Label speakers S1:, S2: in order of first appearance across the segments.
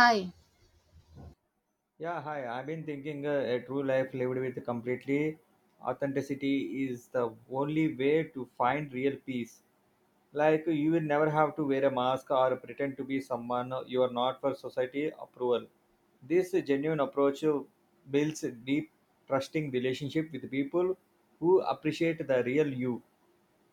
S1: Hi,
S2: Yeah, hi. I've been thinking a true life lived with completely authenticity is the only way to find real peace. Like, you will never have to wear a mask or pretend to be someone you are not for society approval. This genuine approach builds a deep, trusting relationship with people who appreciate the real you.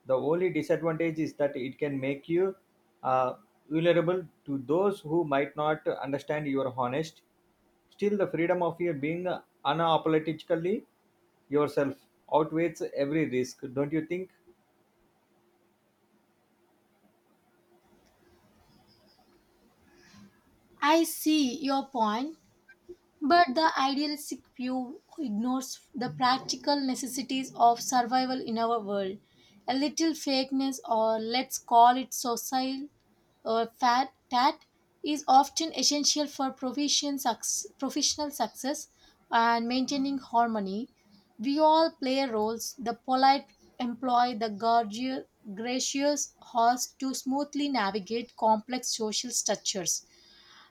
S2: The only disadvantage is that it can make you uh, vulnerable to those who might not understand your honest. Still, the freedom of your being unapologetically yourself outweighs every risk, don't you think?
S1: I see your point, but the idealistic view ignores the practical necessities of survival in our world. A little fakeness, or let's call it social or fat tat, is often essential for professional success and maintaining harmony. We all play roles. The polite employ the gracious host to smoothly navigate complex social structures.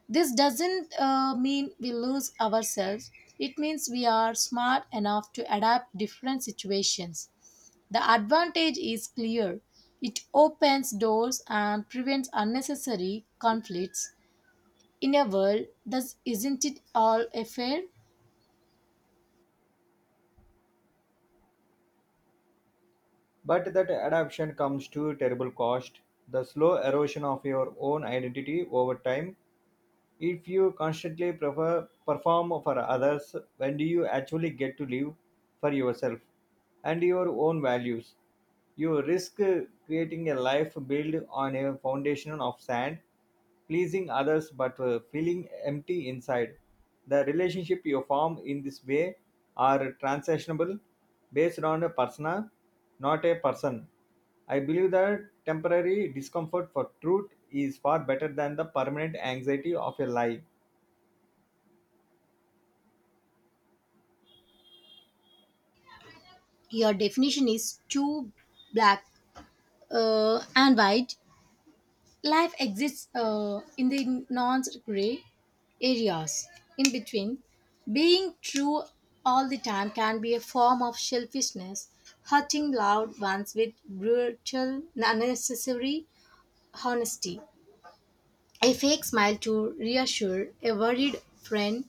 S1: This doesn't mean we lose ourselves. It means we are smart enough to adapt different situations. The advantage is clear. It opens doors and prevents unnecessary conflicts. In a world, thus isn't it all a fair?
S2: But that adaptation comes to terrible cost. The slow erosion of your own identity over time. If you constantly prefer, perform for others, when do you actually get to live for yourself and your own values? You risk creating a life built on a foundation of sand, pleasing others but feeling empty inside. The relationship you form in this way are transactionable, based on a persona, not a person. I believe that temporary discomfort for truth is far better than the permanent anxiety of a lie.
S1: Your definition is too black and white. Life exists in the non gray areas in between. Being true all the time can be a form of selfishness, hurting loved ones with brutal, unnecessary honesty. A fake smile to reassure a worried friend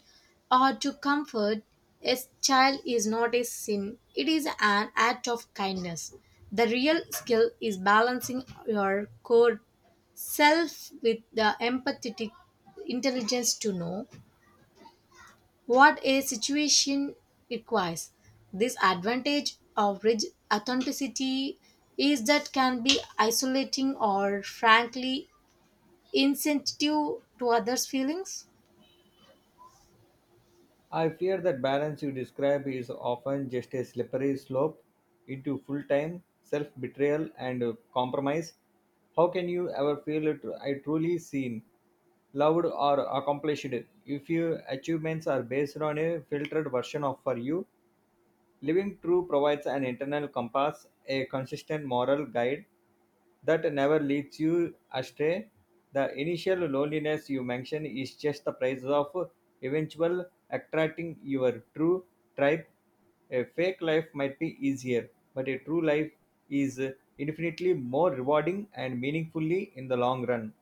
S1: or to comfort a child is not a sin, it is an act of kindness. The real skill is balancing your core self with the empathetic intelligence to know what a situation requires. This advantage of rich authenticity is that can be isolating or frankly insensitive to others' feelings.
S2: I fear that balance you describe is often just a slippery slope into full time self betrayal and compromise. How can you ever feel it, I truly seen, loved, or accomplished if your achievements are based on a filtered version of for you? Living true provides an internal compass, a consistent moral guide that never leads you astray. The initial loneliness you mention is just the price of eventual attracting your true tribe. A fake life might be easier, but a true life is infinitely more rewarding and meaningfully in the long run.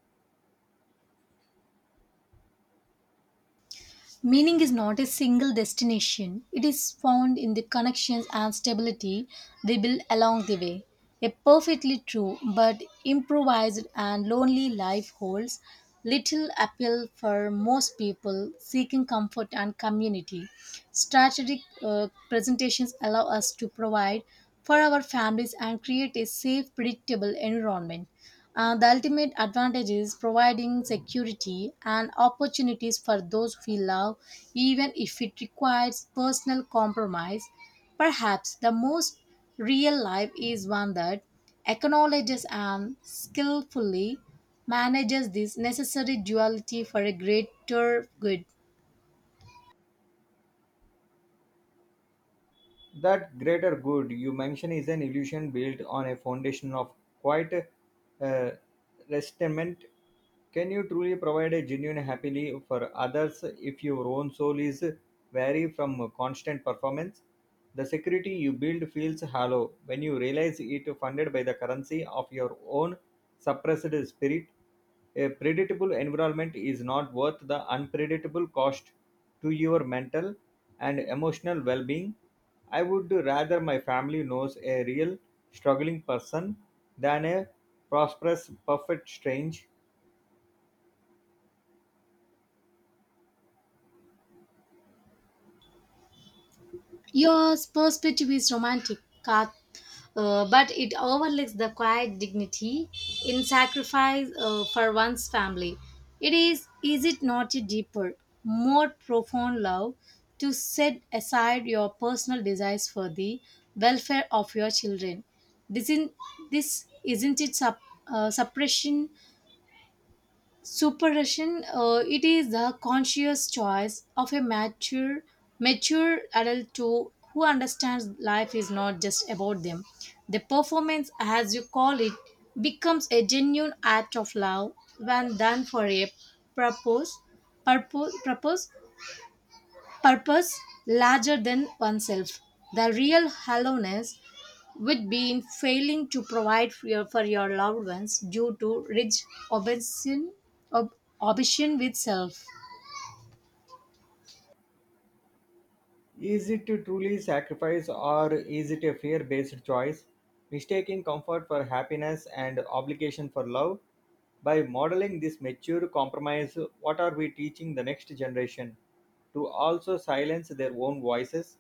S1: Meaning is not a single destination, it is found in the connections and stability they build along the way. A perfectly true but improvised and lonely life holds little appeal for most people seeking comfort and community. Strategic presentations allow us to provide for our families and create a safe, predictable environment. The ultimate advantage is providing security and opportunities for those we love, even if it requires personal compromise. Perhaps the most real life is one that acknowledges and skillfully manages this necessary duality for a greater good.
S2: That greater good you mention is an illusion built on a foundation of quite uh, restament. Can you truly provide a genuine happily for others if your own soul is vary from constant performance? The security you build feels hollow when you realize it funded by the currency of your own suppressed spirit. A predictable environment is not worth the unpredictable cost to your mental and emotional well being. I would rather my family knows a real struggling person than a prosperous, perfect stranger.
S1: Your perspective is romantic, Kat, but it overlooks the quiet dignity in sacrifice for one's family. Is it not a deeper, more profound love to set aside your personal desires for the welfare of your children? Isn't this isn't it sup, suppression Supervision, it is the conscious choice of a mature adult to who understands life is not just about them. The performance, as you call it, becomes a genuine act of love when done for a purpose, purpose, purpose purpose larger than oneself. The real hollowness would be in failing to provide for for your loved ones due to rich obsession, ob, obsession with self.
S2: Is it to truly sacrifice or is it a fear based choice? Mistaking comfort for happiness and obligation for love? By modeling this mature compromise, what are we teaching the next generation? To also silence their own voices?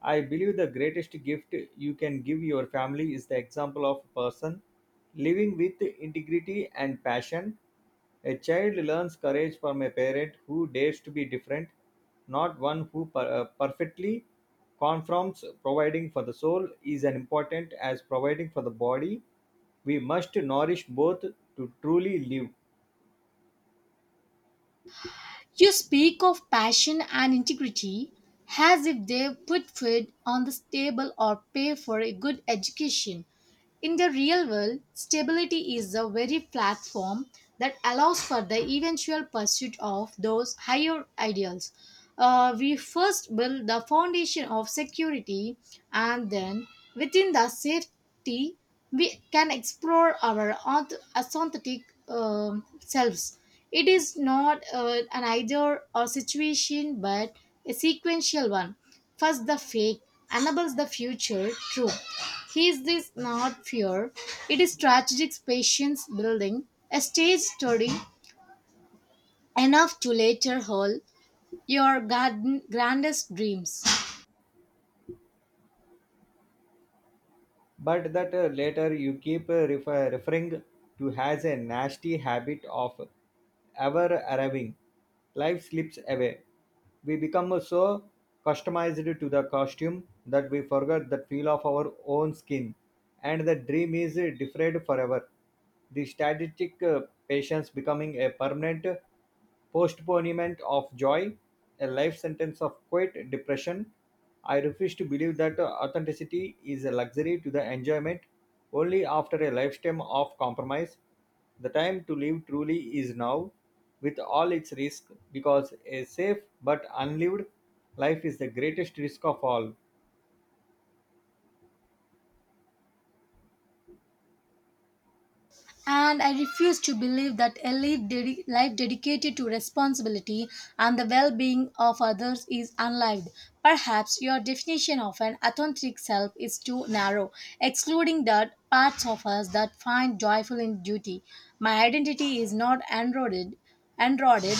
S2: I believe the greatest gift you can give your family is the example of a person living with integrity and passion. A child learns courage from a parent who dares to be different, not one who perfectly conforms. Providing for the soul is as important as providing for the body. We must nourish both to truly live.
S1: You speak of passion and integrity as if they put food on the table or pay for a good education. In the real world, stability is the very platform that allows for the eventual pursuit of those higher ideals. We first build the foundation of security, and then within the safety, we can explore our authentic selves. It is not an either or situation, but a sequential one. First, the fake enables the future true. He Is this not fear? It is strategic patience building, a stage study enough to later hold your grandest dreams.
S2: But that later you keep referring to has a nasty habit of ever arriving. Life slips away. We become so customized to the costume that we forget the feel of our own skin, and the dream is deferred forever. The strategic patience becoming a permanent postponement of joy, a life sentence of quiet depression. I refuse to believe that authenticity is a luxury to the enjoyment only after a lifetime of compromise. The time to live truly is now, with all its risk, because a safe but unlived life is the greatest risk of all.
S1: And I refuse to believe that a life dedicated to responsibility and the well being of others is unlived. Perhaps your definition of an authentic self is too narrow, excluding the parts of us that find joyful in duty. My identity is not enrolled and rotted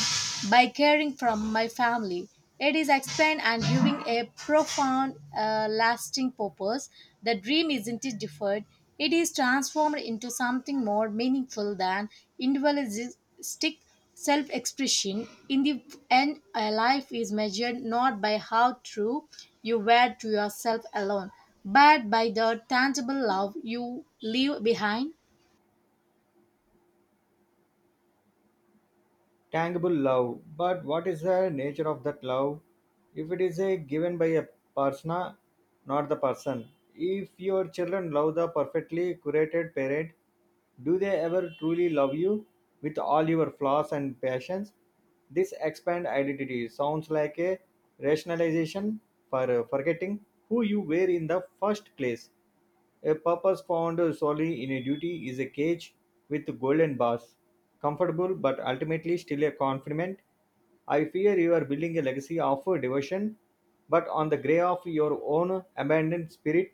S1: by caring from my family. It is explained and giving a profound, lasting purpose. The dream isn't it deferred; it is transformed into something more meaningful than individualistic self-expression. In the end, a life is measured not by how true you were to yourself alone, but by the tangible love you leave behind.
S2: Tangible love. But what is the nature of that love? If it is a given by a persona, not the person. If your children love the perfectly curated parent, do they ever truly love you with all your flaws and passions? This expand identity sounds like a rationalization for forgetting who you were in the first place. A purpose found solely in a duty is a cage with golden bars. Comfortable but ultimately still a confinement. I fear you are building a legacy of devotion, but on the grey of your own abandoned spirit.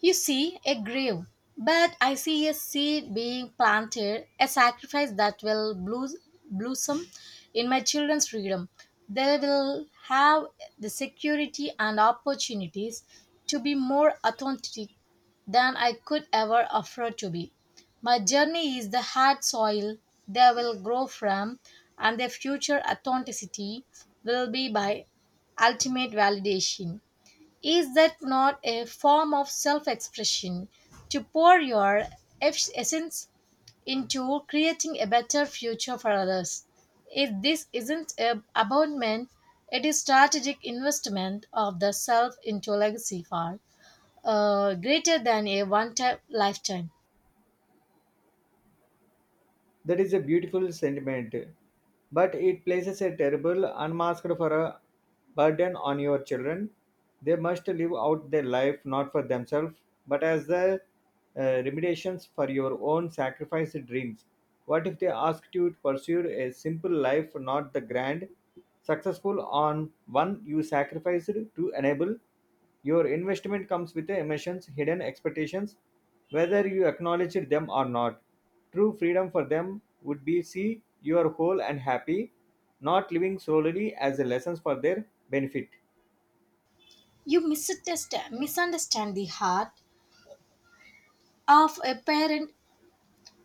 S1: You see a grave, but I see a seed being planted, a sacrifice that will blossom in my children's freedom. They will have the security and opportunities to be more authentic than I could ever afford to be. My journey is the hard soil they will grow from, and their future authenticity will be my ultimate validation. Is that not a form of self expression to pour your essence into creating a better future for others? If this isn't a abandonment, it is strategic investment of the self into legacy far greater than a one-time lifetime.
S2: That is a beautiful sentiment, but it places a terrible unmasked for a burden on your children. They must live out their life not for themselves, but as the uh, remediations for your own sacrificed dreams. What if they asked you to pursue a simple life, not the grand, successful on one you sacrificed to enable? Your investment comes with the emissions, hidden expectations, whether you acknowledge them or not. True freedom for them would be see you're whole and happy, not living solely as a lessons for their benefit.
S1: You misunderstand the heart of a parent.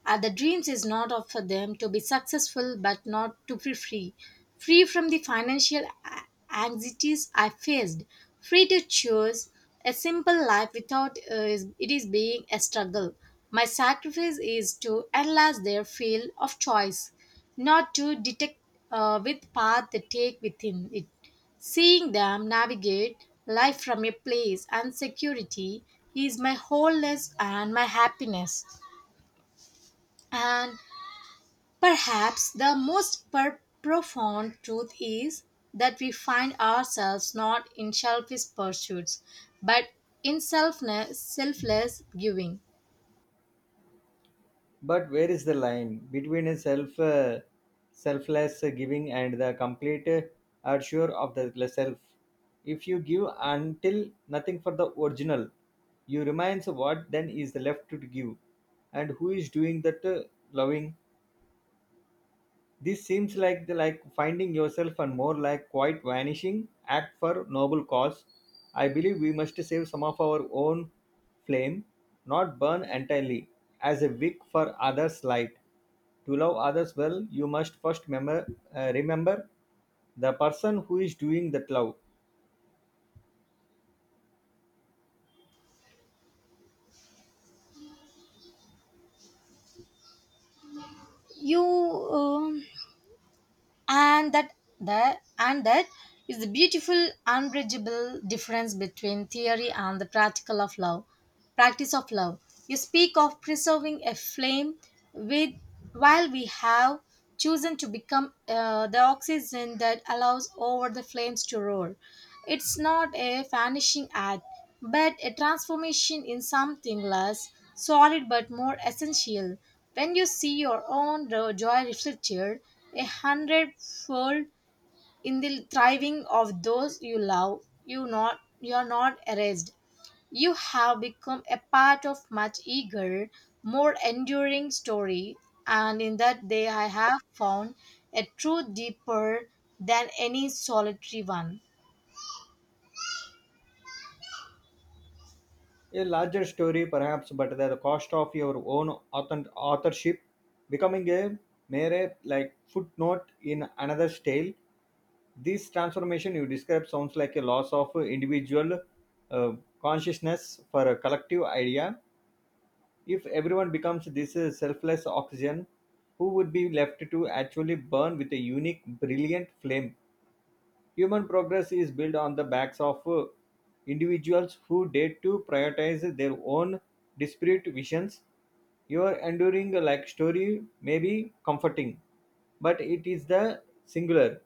S1: The dreams is not of for them to be successful but not to be free. Free from the anxieties I faced. Free to choose a simple life without it is being a struggle. My sacrifice is to enlarge their field of choice, not to detect with path they take within it. Seeing them navigate life from a place and security is my wholeness and my happiness. And perhaps the profound truth is that we find ourselves not in selfish pursuits, but in selfless giving.
S2: But where is the line between a selfless giving and the complete assurance of the self? If you give until nothing for the original, you remains what then is left to give, and who is doing that loving? This seems like the like finding yourself and more like quite vanishing act for noble cause. I believe we must save some of our own flame, not burn entirely, as a wick for others' light. To love others well, you must first remember the person who is doing that love.
S1: You and that the and that is the beautiful, unbridgeable difference between theory and the practical of love. Practice of love. You speak of preserving a flame with while we have chosen to become the oxygen that allows over the flames to roar. It's not a vanishing act, but a transformation in something less solid but more essential. When you see your own joy reflected a hundredfold in the thriving of those you love, you are not erased. You have become a part of much eager, more enduring story, and in that day I have found a truth deeper than any solitary one.
S2: A larger story, perhaps, but at the cost of your own authorship becoming a mere like footnote in another's tale. This transformation you describe sounds like a loss of individual uh, consciousness for a collective idea. If everyone becomes this selfless oxygen, who would be left to actually burn with a unique, brilliant flame? Human progress is built on the backs of individuals who dare to prioritize their own disparate visions. Your enduring like story may be comforting, but it is the singular,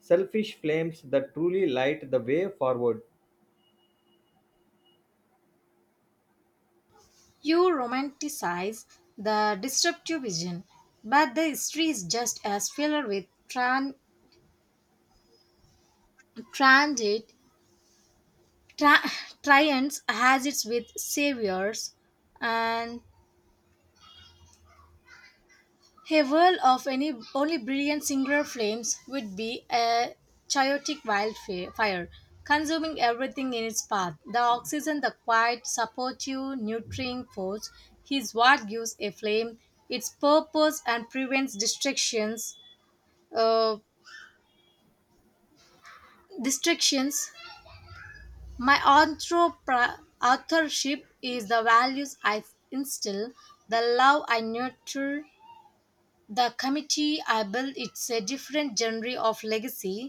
S2: selfish flames that truly light the way forward.
S1: You romanticize the disruptive vision, but the history is just as filled with transit, tra- triumphs as it's with saviors and a world of any only brilliant singular flames would be a chaotic fire, consuming everything in its path. The oxygen, the quiet, supportive, nurturing force, is what gives a flame its purpose and prevents distractions. Uh, distractions. My authorship is the values I instill, the love I nurture, the committee I build. It's a different genre of legacy.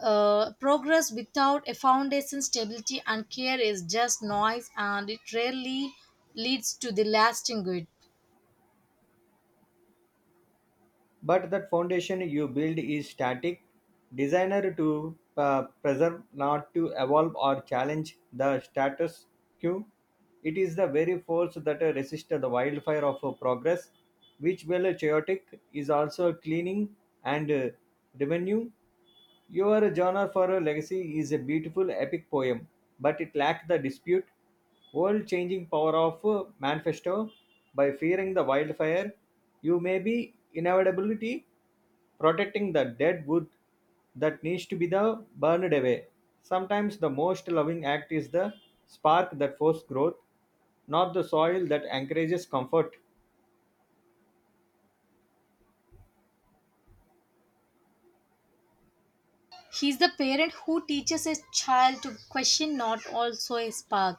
S1: Progress without a foundation, stability, and care is just noise, and it rarely leads to the lasting good.
S2: But that foundation you build is static, designer to preserve, not to evolve or challenge the status quo. It is the very force that resists the wildfire of progress, which well chaotic is also cleaning and revenue. Your genre for a legacy is a beautiful epic poem, but it lacked the dispute, world changing power of manifesto. By fearing the wildfire, you may be inevitably protecting the dead wood that needs to be the burned away. Sometimes the most loving act is the spark that forces growth, not the soil that encourages comfort.
S1: He's the parent who teaches his child to question not also a spark.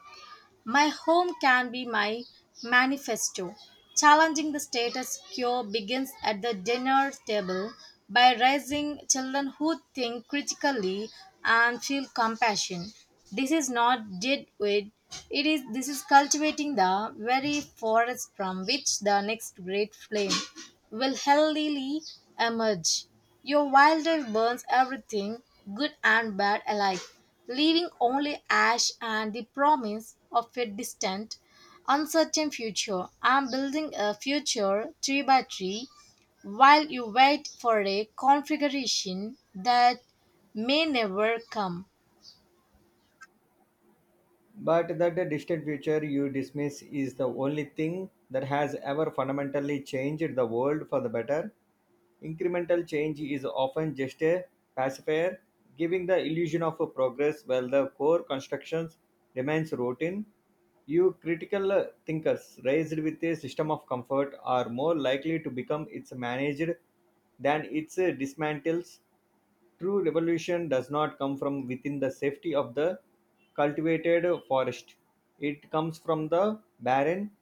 S1: My home can be my manifesto. Challenging the status quo begins at the dinner table by raising children who think critically and feel compassion. This is not did with it is this is cultivating the very forest from which the next great flame will healthily emerge. Your wildlife burns everything, good and bad alike, leaving only ash and the promise of a distant, uncertain future. I'm building a future tree by tree while you wait for a configuration that may never come.
S2: But that the distant future you dismiss is the only thing that has ever fundamentally changed the world for the better. Incremental change is often just a pacifier, giving the illusion of progress while the core constructions remains routine. You critical thinkers raised with a system of comfort are more likely to become its managed than its dismantles. True revolution does not come from within the safety of the cultivated forest. It comes from the barren,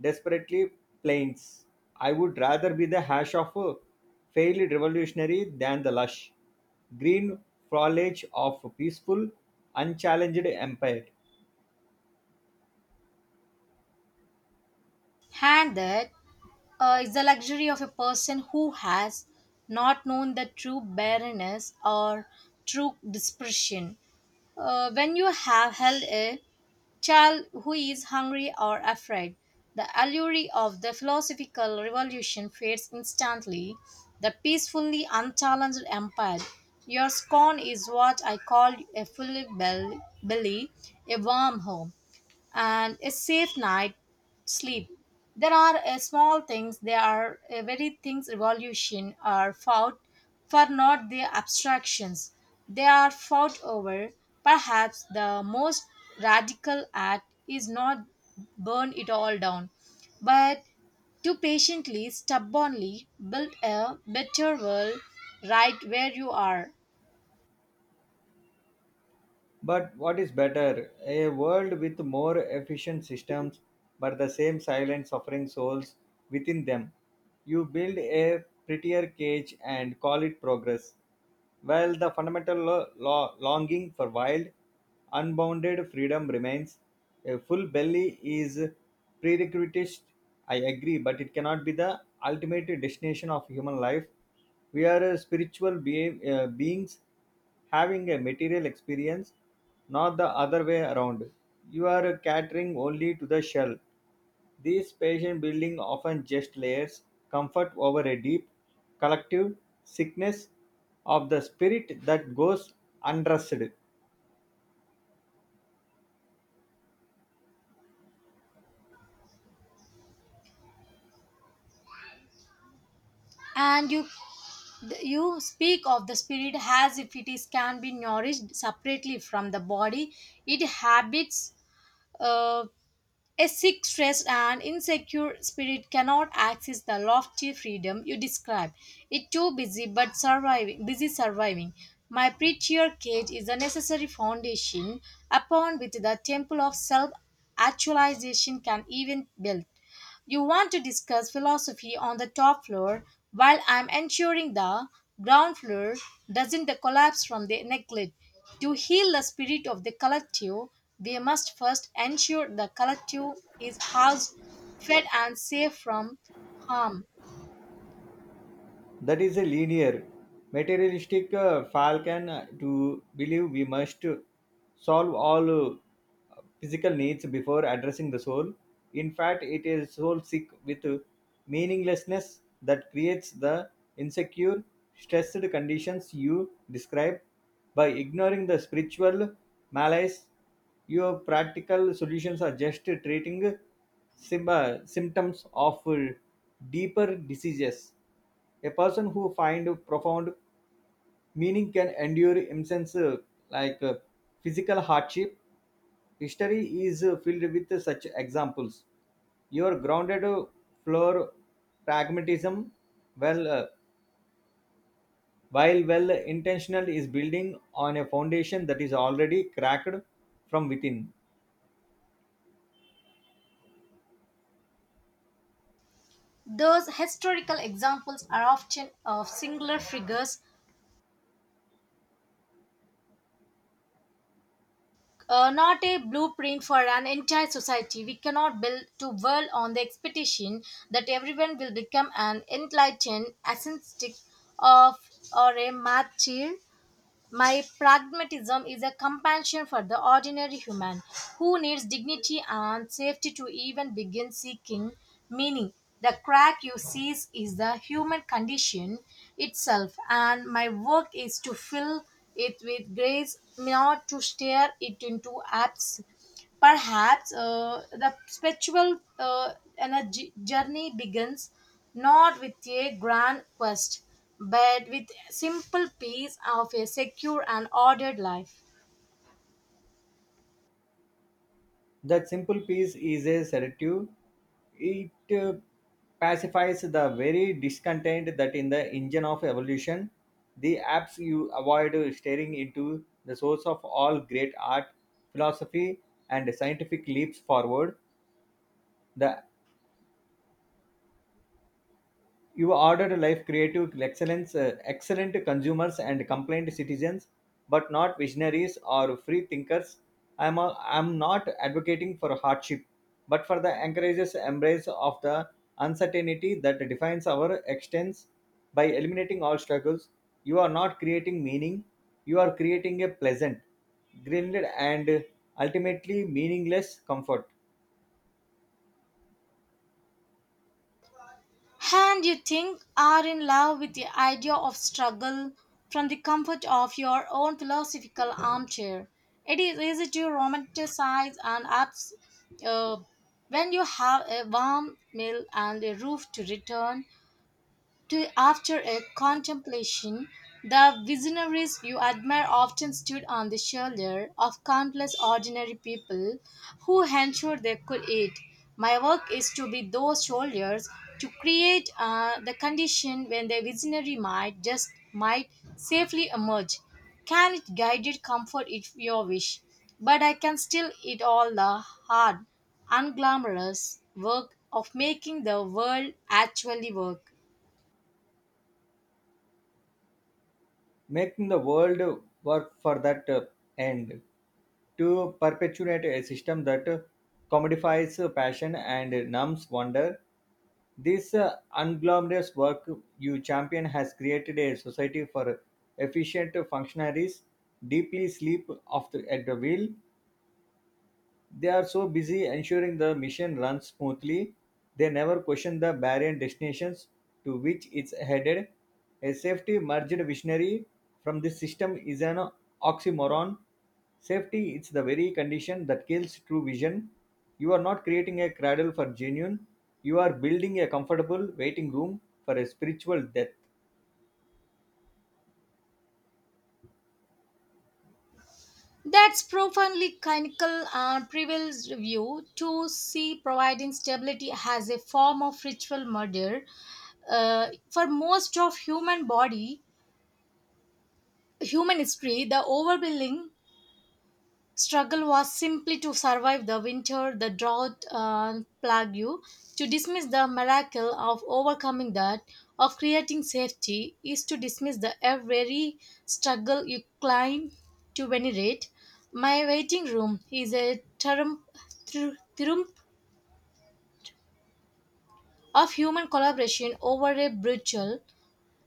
S2: desperately plains. I would rather be the hash of a failed revolutionary than the lush, green foliage of a peaceful, unchallenged empire.
S1: And that it's the luxury of a person who has not known the true barrenness or true dispersion. When you have held a child who is hungry or afraid, the allure of the philosophical revolution fades instantly. The peacefully unchallenged empire. Your scorn is what I call a full belly, a warm home and a safe night sleep. There are there are very things revolution are fought for not their abstractions. They are fought over. Perhaps the most radical act is not burn it all down, but to patiently, stubbornly build a better world right where you are.
S2: But what is better, a world with more efficient systems but the same silent suffering souls within them? You build a prettier cage and call it progress. While the fundamental longing for wild, unbounded freedom remains, a full belly is prerequisite. I agree, but it cannot be the ultimate destination of human life. We are spiritual beings having a material experience, not the other way around. You are catering only to the shell. These patient building often just layers comfort over a deep, collective sickness of the spirit that goes undressed.
S1: And you speak of the spirit as if it is can be nourished separately from the body it habits, uh, a sick stressed and insecure spirit cannot access the lofty freedom you describe. It too busy surviving. My preacher cage is a necessary foundation upon which the temple of self actualization can even build. You want to discuss philosophy on the top floor while I'm ensuring the ground floor doesn't collapse from the neglect. To heal the spirit of the collective, we must first ensure the collective is housed, fed, and safe from harm.
S2: That is a linear, materialistic falcon to believe we must solve all physical needs before addressing the soul. In fact, it is soul sick with meaninglessness that creates the insecure, stressed conditions you describe. By ignoring the spiritual malaise, your practical solutions are just treating symptoms of deeper diseases. A person who find profound meaning can endure immense like uh, physical hardship. History is filled with such examples. Your grounded floor pragmatism, well, uh, while well intentional, is building on a foundation that is already cracked from within.
S1: Those historical examples are often of singular figures, not a blueprint for an entire society. We cannot build to world on the expectation that everyone will become an enlightened ascetic of or a martyr. My pragmatism is a compassion for the ordinary human who needs dignity and safety to even begin seeking meaning. The crack you sees is the human condition itself, and my work is to fill it with grace, not to stare it into abs. Perhaps the spiritual energy journey begins not with a grand quest, but with simple peace of a secure and ordered life.
S2: That simple peace is a sedative. It uh, pacifies the very discontent that in the engine of evolution. The apps you avoid staring into the source of all great art, philosophy, and scientific leaps forward. The you ordered life creative excellence excellent consumers and complaint citizens, but not visionaries or free thinkers. I'm not advocating for hardship, but for the encourages embrace of the uncertainty that defines our existence. By eliminating all struggles, you are not creating meaning, you are creating a pleasant, greenlit and ultimately meaningless comfort.
S1: And you think are in love with the idea of struggle from the comfort of your own philosophical armchair. It is easy to romanticize and uh, when you have a warm meal and a roof to return to after a contemplation, the visionaries you admire often stood on the shoulder of countless ordinary people who ensured they could eat. My work is to be those shoulders to create the condition when the visionary might just might safely emerge. Can it guided comfort if you wish? But I can still eat all the hard, unglamorous work of making the world actually work.
S2: Making the world work for that end, to perpetuate a system that commodifies passion and numbs wonder. This unglamorous work you champion has created a society for efficient functionaries deeply sleep of at the wheel. They are so busy ensuring the mission runs smoothly, they never question the barren destinations to which it's headed. A safety merged visionary from this system is an oxymoron. Safety is the very condition that kills true vision. You are not creating a cradle for genuine, you are building a comfortable waiting room for a spiritual death.
S1: That's profoundly clinical and prevails view to see providing stability as a form of ritual murder. For most of human body, human history, the overbilling struggle was simply to survive the winter, the drought, and plague, to dismiss the miracle of overcoming that, of creating safety, is to dismiss the every struggle you climb to venerate. My waiting room is a triumph, triumph of human collaboration over a brutal,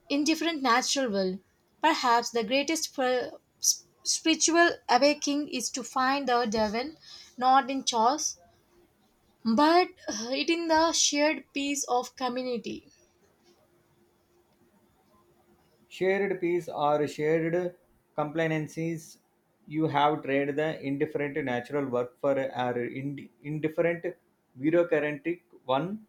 S1: indifferent natural will. Perhaps the greatest spiritual awakening is to find the devil not in chores but it in the shared piece of community.
S2: Shared peace or shared complacencies, you have traded the indifferent natural work for our indifferent bureaucratic one.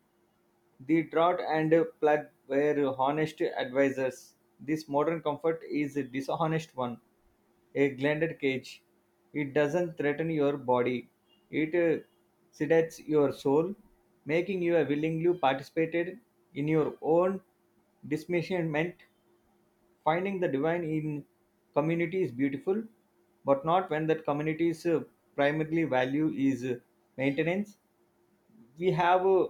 S2: The drought and plug were honest advisors. This modern comfort is a dishonest one, a blended cage. It doesn't threaten your body. It sedates your soul, making you willingly participated in your own diminishment. Finding the divine in community is beautiful, but not when that community's primary value is maintenance. We have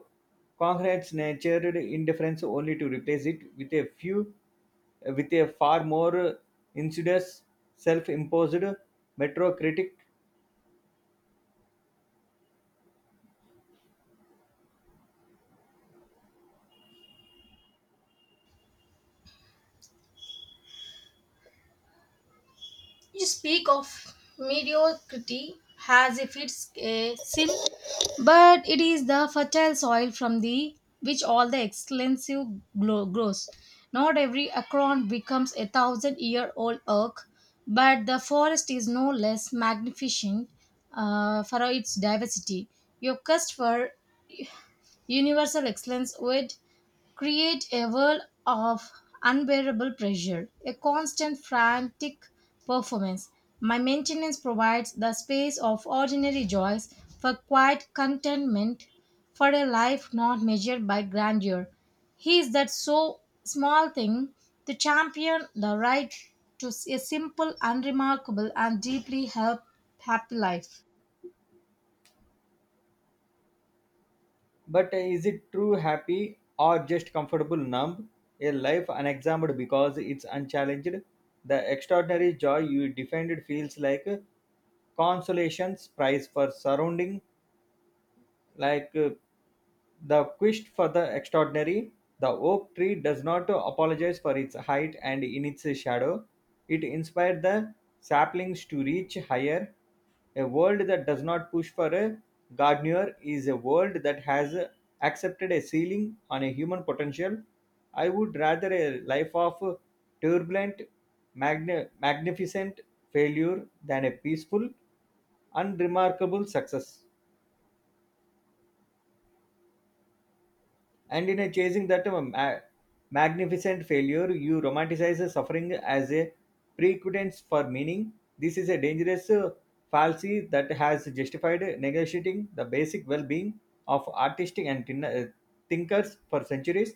S2: concrete's natured indifference only to replace it with a few, with a far more insidious, self-imposed metrocritic.
S1: You speak of mediocrity as if it's a sin, but it is the fertile soil from the which all the excellence grows. Not every acorn becomes a thousand year old oak, but the forest is no less magnificent for its diversity. Your quest for universal excellence would create a world of unbearable pressure, a constant frantic performance. My maintenance provides the space of ordinary joys for quiet contentment, for a life not measured by grandeur. He is that so small thing to champion the right to a simple, unremarkable, and deeply help happy life.
S2: But is it true happy or just comfortable numb? A life unexamined because it's unchallenged. The extraordinary joy you defended feels like a consolation's prize for surrounding like the quest for the extraordinary, the oak tree does not apologize for its height and in its shadow. It inspired the saplings to reach higher. A world that does not push for a gardener is a world that has accepted a ceiling on a human potential. I would rather a life of turbulent, magnificent failure than a peaceful, unremarkable success. And in a chasing that magnificent failure, you romanticize the suffering as a precursor for meaning. This is a dangerous fallacy that has justified negotiating the basic well being of artistic and thinkers for centuries.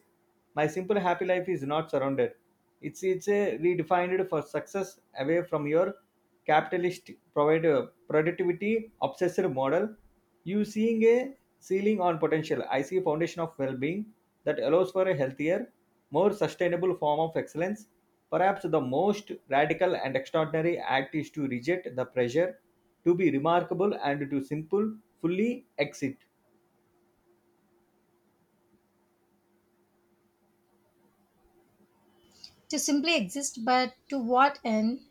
S2: My simple happy life is not surrounded, it's a redefined for success away from your capitalist provider productivity obsessed model. You seeing a ceiling on potential, I see a foundation of well-being that allows for a healthier, more sustainable form of excellence. Perhaps the most radical and extraordinary act is to reject the pressure to be remarkable and to simple fully exit.
S1: To simply exist, but to what end?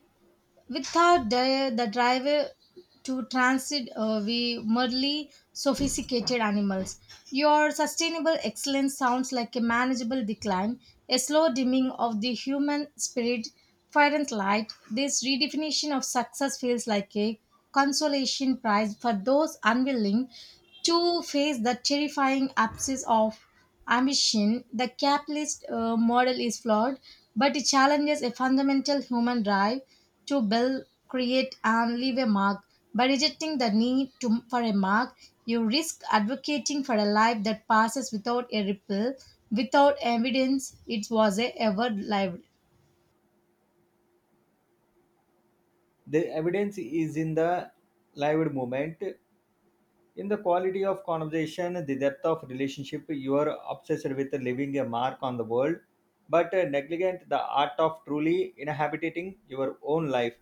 S1: Without the driver to transit, we merely sophisticated animals. Your sustainable excellence sounds like a manageable decline, a slow dimming of the human spirit, fervent light. This redefinition of success feels like a consolation prize for those unwilling to face the terrifying absence of ambition, the capitalist model is flawed, but it challenges a fundamental human drive to build, create, and leave a mark. By rejecting the need to, for a mark, you risk advocating for a life that passes without a ripple, without evidence it was a ever lived.
S2: The evidence is in the lived moment, in the quality of conversation, the depth of relationship. You are obsessed with leaving a mark on the world, but negligent the art of truly inhabiting your own life.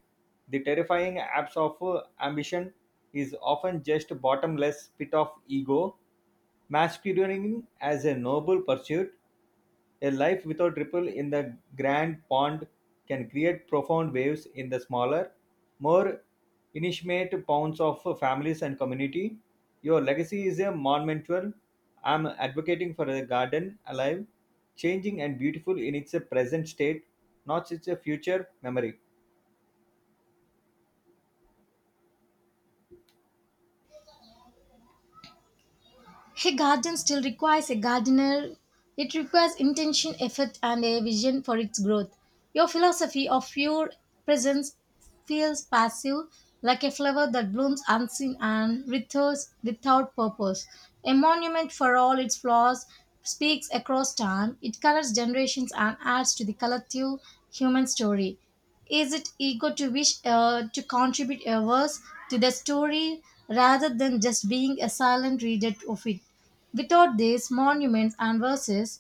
S2: The terrifying abs of ambition is often just bottomless pit of ego masquerading as a noble pursuit. A life without ripple in the grand pond can create profound waves in the smaller, more intimate ponds of families and community. Your legacy is a monumental. I'm advocating for a garden alive, changing and beautiful in its present state, not its future memory.
S1: A garden still requires a gardener. It requires intention, effort, and a vision for its growth. Your philosophy of your presence feels passive, like a flower that blooms unseen and withers without purpose. A monument for all its flaws speaks across time. It colors generations and adds to the collective human story. Is it ego to wish to contribute a verse to the story rather than just being a silent reader of it? Without these monuments and verses,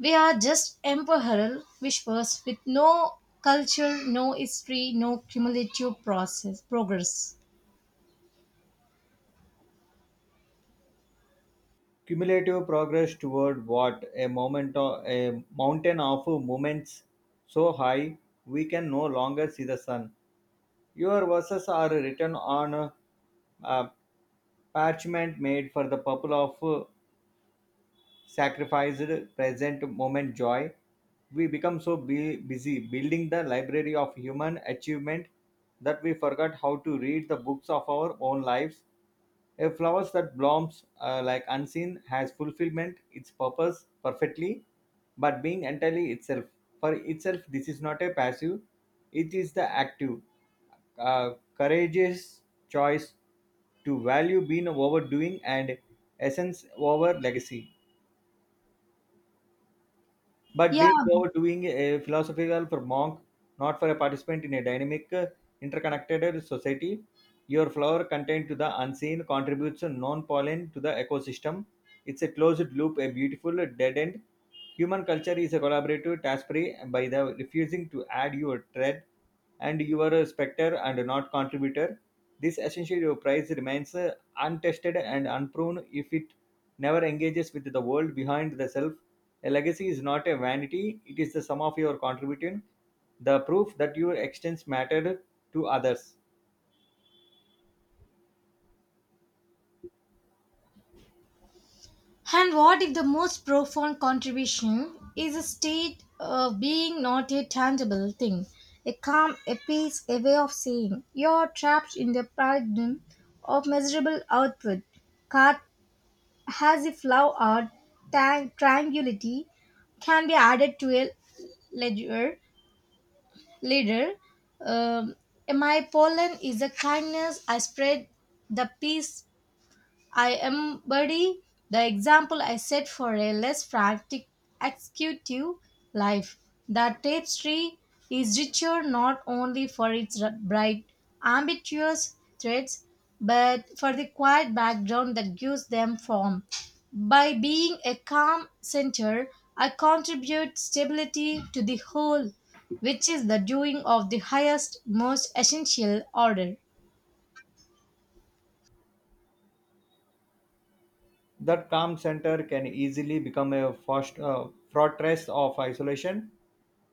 S1: we are just emperor whispers with no culture, no history, no cumulative process progress.
S2: Cumulative progress toward what? A moment of, a mountain of moments so high we can no longer see the sun. Your verses are written on a parchment made for the purpose of sacrificed present moment joy. We become so busy building the library of human achievement that we forgot how to read the books of our own lives. A flowers that blooms like unseen has fulfillment its purpose perfectly, but being entirely itself. For itself, this is not a passive; it is the active, courageous choice to value being over doing and essence over legacy. But
S1: Yeah,
S2: being overdoing a philosophical for monk, not for a participant in a dynamic, interconnected society. Your flower content to the unseen contributes non-pollen to the ecosystem. It's a closed loop, a beautiful dead end. Human culture is a collaborative task free by the refusing to add your thread, and you are a specter and not contributor. This essentially your prize remains untested and unproven if it never engages with the world behind the self. A legacy is not a vanity, it is the sum of your contribution, the proof that your extents mattered to others.
S1: and what if the most profound contribution is a state of being not a tangible thing, a calm, a peace, a way of saying you're trapped in the paradigm of measurable output, cut as if love or tranquility can be added to a ledger. Later, um, my pollen is the kindness I spread, the peace I embody the example I set for a less frantic executive life. The tapestry is richer not only for its bright, ambitious threads, but for the quiet background that gives them form. By being a calm center, I contribute stability to the whole, which is the doing of the highest, most essential order.
S2: That calm center can easily become a fortress of isolation,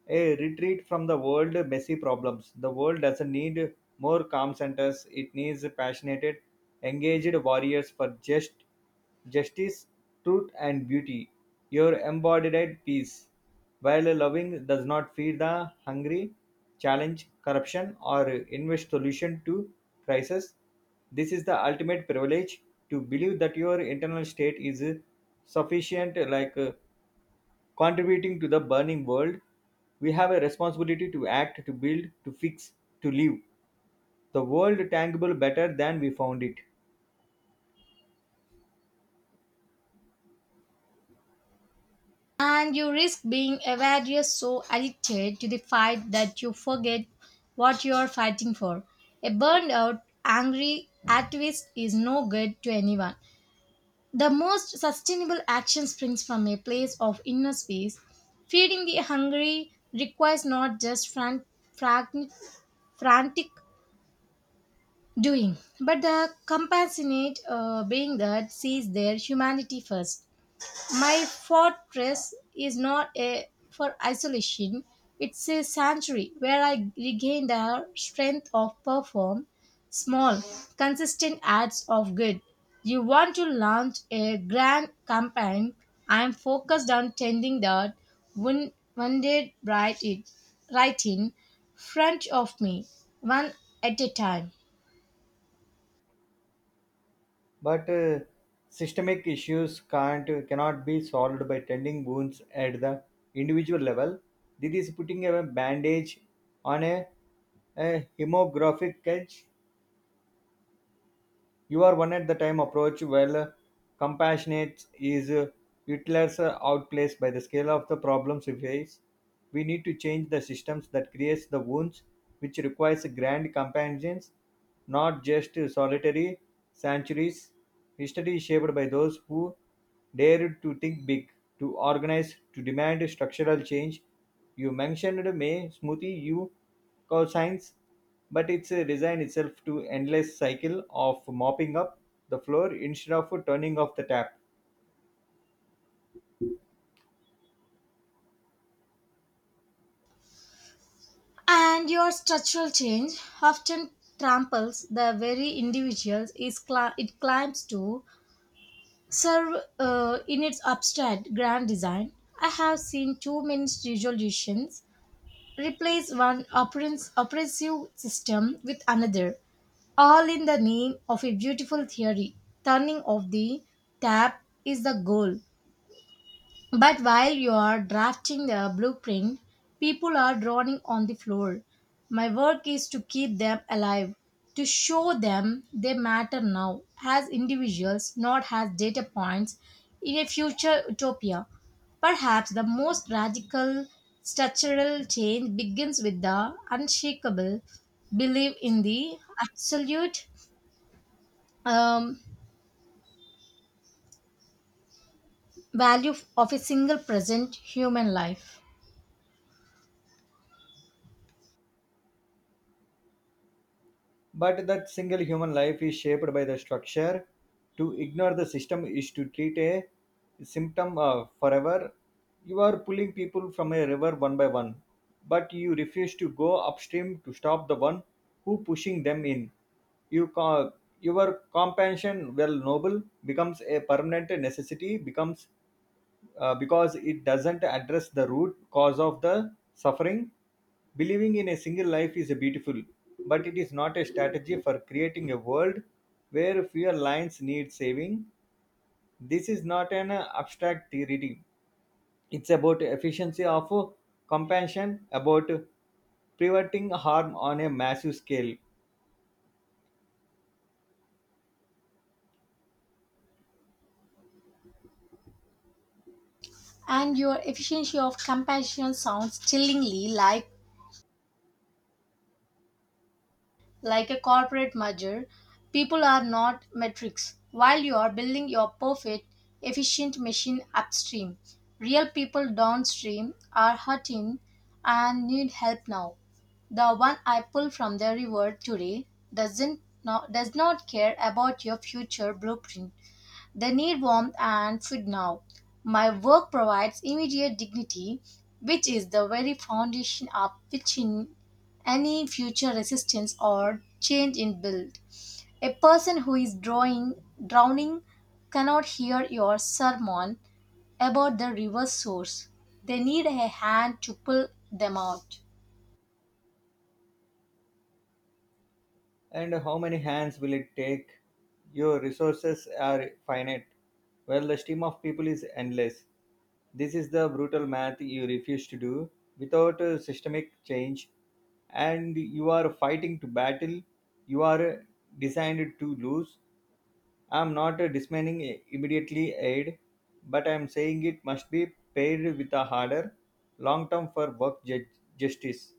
S2: a retreat from the world messy problems. The world doesn't need more calm centers, it needs passionate engaged warriors for justice, truth and beauty. Your embodied peace, while loving, does not feed the hungry, challenge corruption or invest solution to crisis. This is the ultimate privilege, to believe that your internal state is sufficient like contributing to the burning world. We have a responsibility to act, to build, to fix, to leave the world tangible better than we found it.
S1: And you risk being avarice so addicted to the fight that you forget what you're fighting for. A burned out, angry activist is no good to anyone. The most sustainable action springs from a place of inner space. Feeding the hungry requires not just fran- frantic doing, but the compassionate being that sees their humanity first. My fortress is not a for isolation, it's a sanctuary where I regain the strength of perform small, consistent acts of good. You want to launch a grand campaign. I am focused on tending that one wounded bright it right in front of me, one at a time.
S2: But systemic issues can't cannot be solved by tending wounds at the individual level. This is putting a bandage on a hemographic edge. You are one at the time approach, while compassionate is utilized outplaced by the scale of the problems we face. We need to change the systems that creates the wounds, which requires grand companions, not just solitary sanctuaries. History is shaped by those who dared to think big, to organize, to demand structural change. You mentioned May Smoothie, you call science, but it's designed itself to endless cycle of mopping up the floor instead of turning off the tap.
S1: And your structural change often tramples the very individuals is it climbs to serve in its abstract grand design. I have seen too many resolutions replace one oppressive system with another, all in the name of a beautiful theory. Turning off the tap is the goal, but while you are drafting the blueprint, people are drawing on the floor. My work is to keep them alive, to show them they matter now as individuals, not as data points in a future utopia. Perhaps the most radical structural change begins with the unshakable belief in the absolute um, value of a single present human life.
S2: But that single human life is shaped by the structure. To ignore the system is to treat a symptom forever. You are pulling people from a river one by one, but you refuse to go upstream to stop the one who pushing them in. you ca- your compassion, well noble, becomes a permanent necessity becomes because it doesn't address the root cause of the suffering. Believing in a single life is a beautiful, but it is not a strategy for creating a world where fewer lines need saving. This is not an abstract theory. It's about efficiency of compassion, about preventing harm on a massive scale.
S1: And your efficiency of compassion sounds chillingly like a corporate merger. People are not metrics. While you are building your perfect, efficient machine upstream, real people downstream are hurting and need help now. The one I pull from the river today does not care about your future blueprint. They need warmth and food now. My work provides immediate dignity, which is the very foundation of which in any future resistance or change in build. A person who is drowning cannot hear your sermon about the river's source. They need a hand to pull them out.
S2: And how many hands will it take? Your resources are finite, while the stream of people is endless. This is the brutal math you refuse to do. Without a systemic change, and you are fighting to battle. You are designed to lose. I'm not dismantling immediately aid, but I'm saying it must be paired with a harder long term for work justice.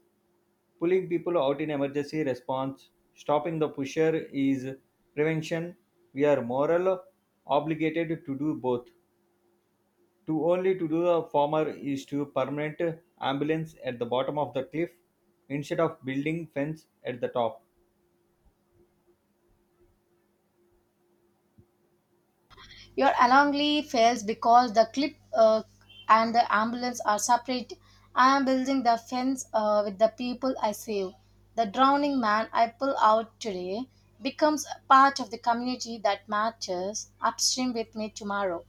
S2: Pulling people out in emergency response, stopping the pusher is prevention. We are moral obligated to do both. To only to do the former is to permanent ambulance at the bottom of the cliff instead of building fence at the top.
S1: Your alarmly fails because the clip and the ambulance are separate. I am building the fence with the people I save. The drowning man I pull out today becomes a part of the community that matches upstream with me tomorrow.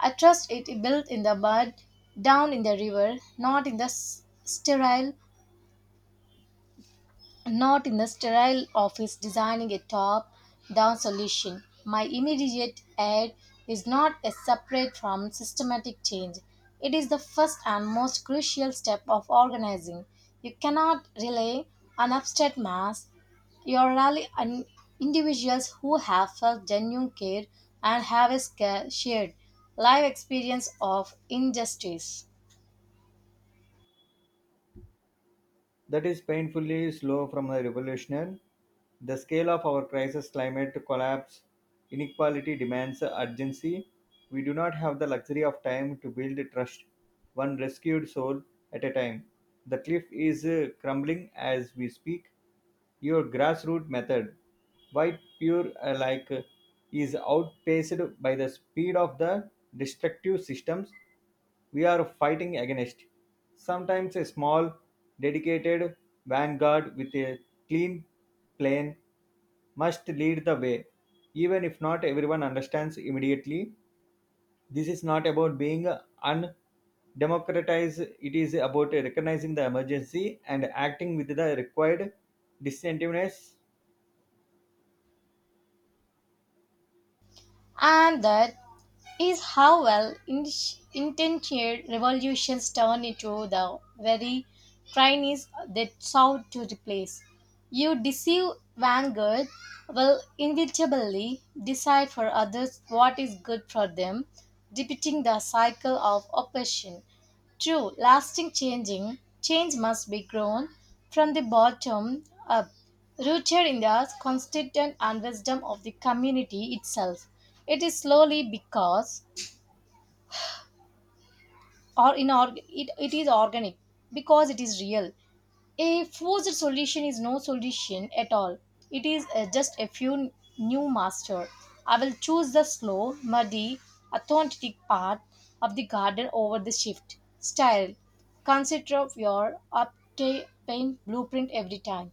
S1: I trust it built in the mud, down in the river, not in the s- sterile not in the sterile office designing a top down solution. My immediate aid is not a separate from systematic change. It is the first and most crucial step of organizing. You cannot rely on abstract mass. You are rely on individuals who have felt genuine care and have a shared life experience of injustice.
S2: That is painfully slow from the revolution. The scale of our crisis, climate collapse, inequality demands urgency. We do not have the luxury of time to build trust, one rescued soul at a time. The cliff is crumbling as we speak. Your grassroots method, white pure is outpaced by the speed of the destructive systems we are fighting against. Sometimes a small, dedicated vanguard with a clean plan must lead the way, even if not everyone understands immediately. This is not about being undemocratized, it is about recognizing the emergency and acting with the required distinctiveness.
S1: And that is how well intentioned revolutions turn into the very trainees they sought to replace. You deceive vanguard will inevitably decide for others what is good for them, repeating the cycle of oppression. True, change must be grown from the bottom up, rooted in the constituent and wisdom of the community itself. It is slowly because, or in it, it is organic because it is real. A forced solution is no solution at all. It is just a few new master. I will choose the slow, muddy, authentic path of the garden over the shift style. Consider of your obtain blueprint every time.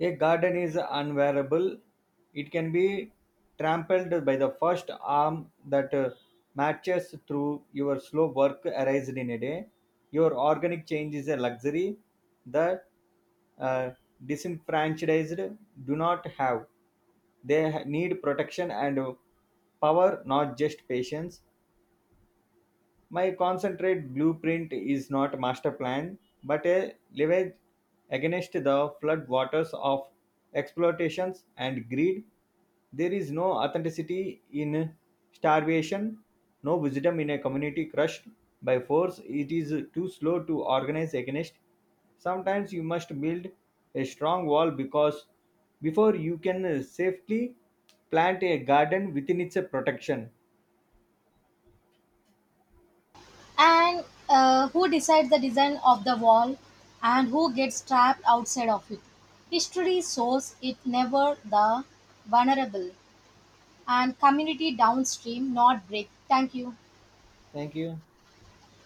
S2: A garden is unwearable; it can be trampled by the first arm that marches through your slow work erased in a day. Your organic change is a luxury that uh, disenfranchised do not have. Need protection and power, not just patience. My concentrate blueprint is not a master plan, but a leverage against the floodwaters of exploitations and greed. There is no authenticity in starvation, no wisdom in a community crushed by force. It is too slow to organize against. Sometimes you must build a strong wall because before you can safely plant a garden within its protection.
S1: And Who decides the design of the wall and who gets trapped outside of it? History shows it never the vulnerable and community downstream not break. Thank you.
S2: Thank you.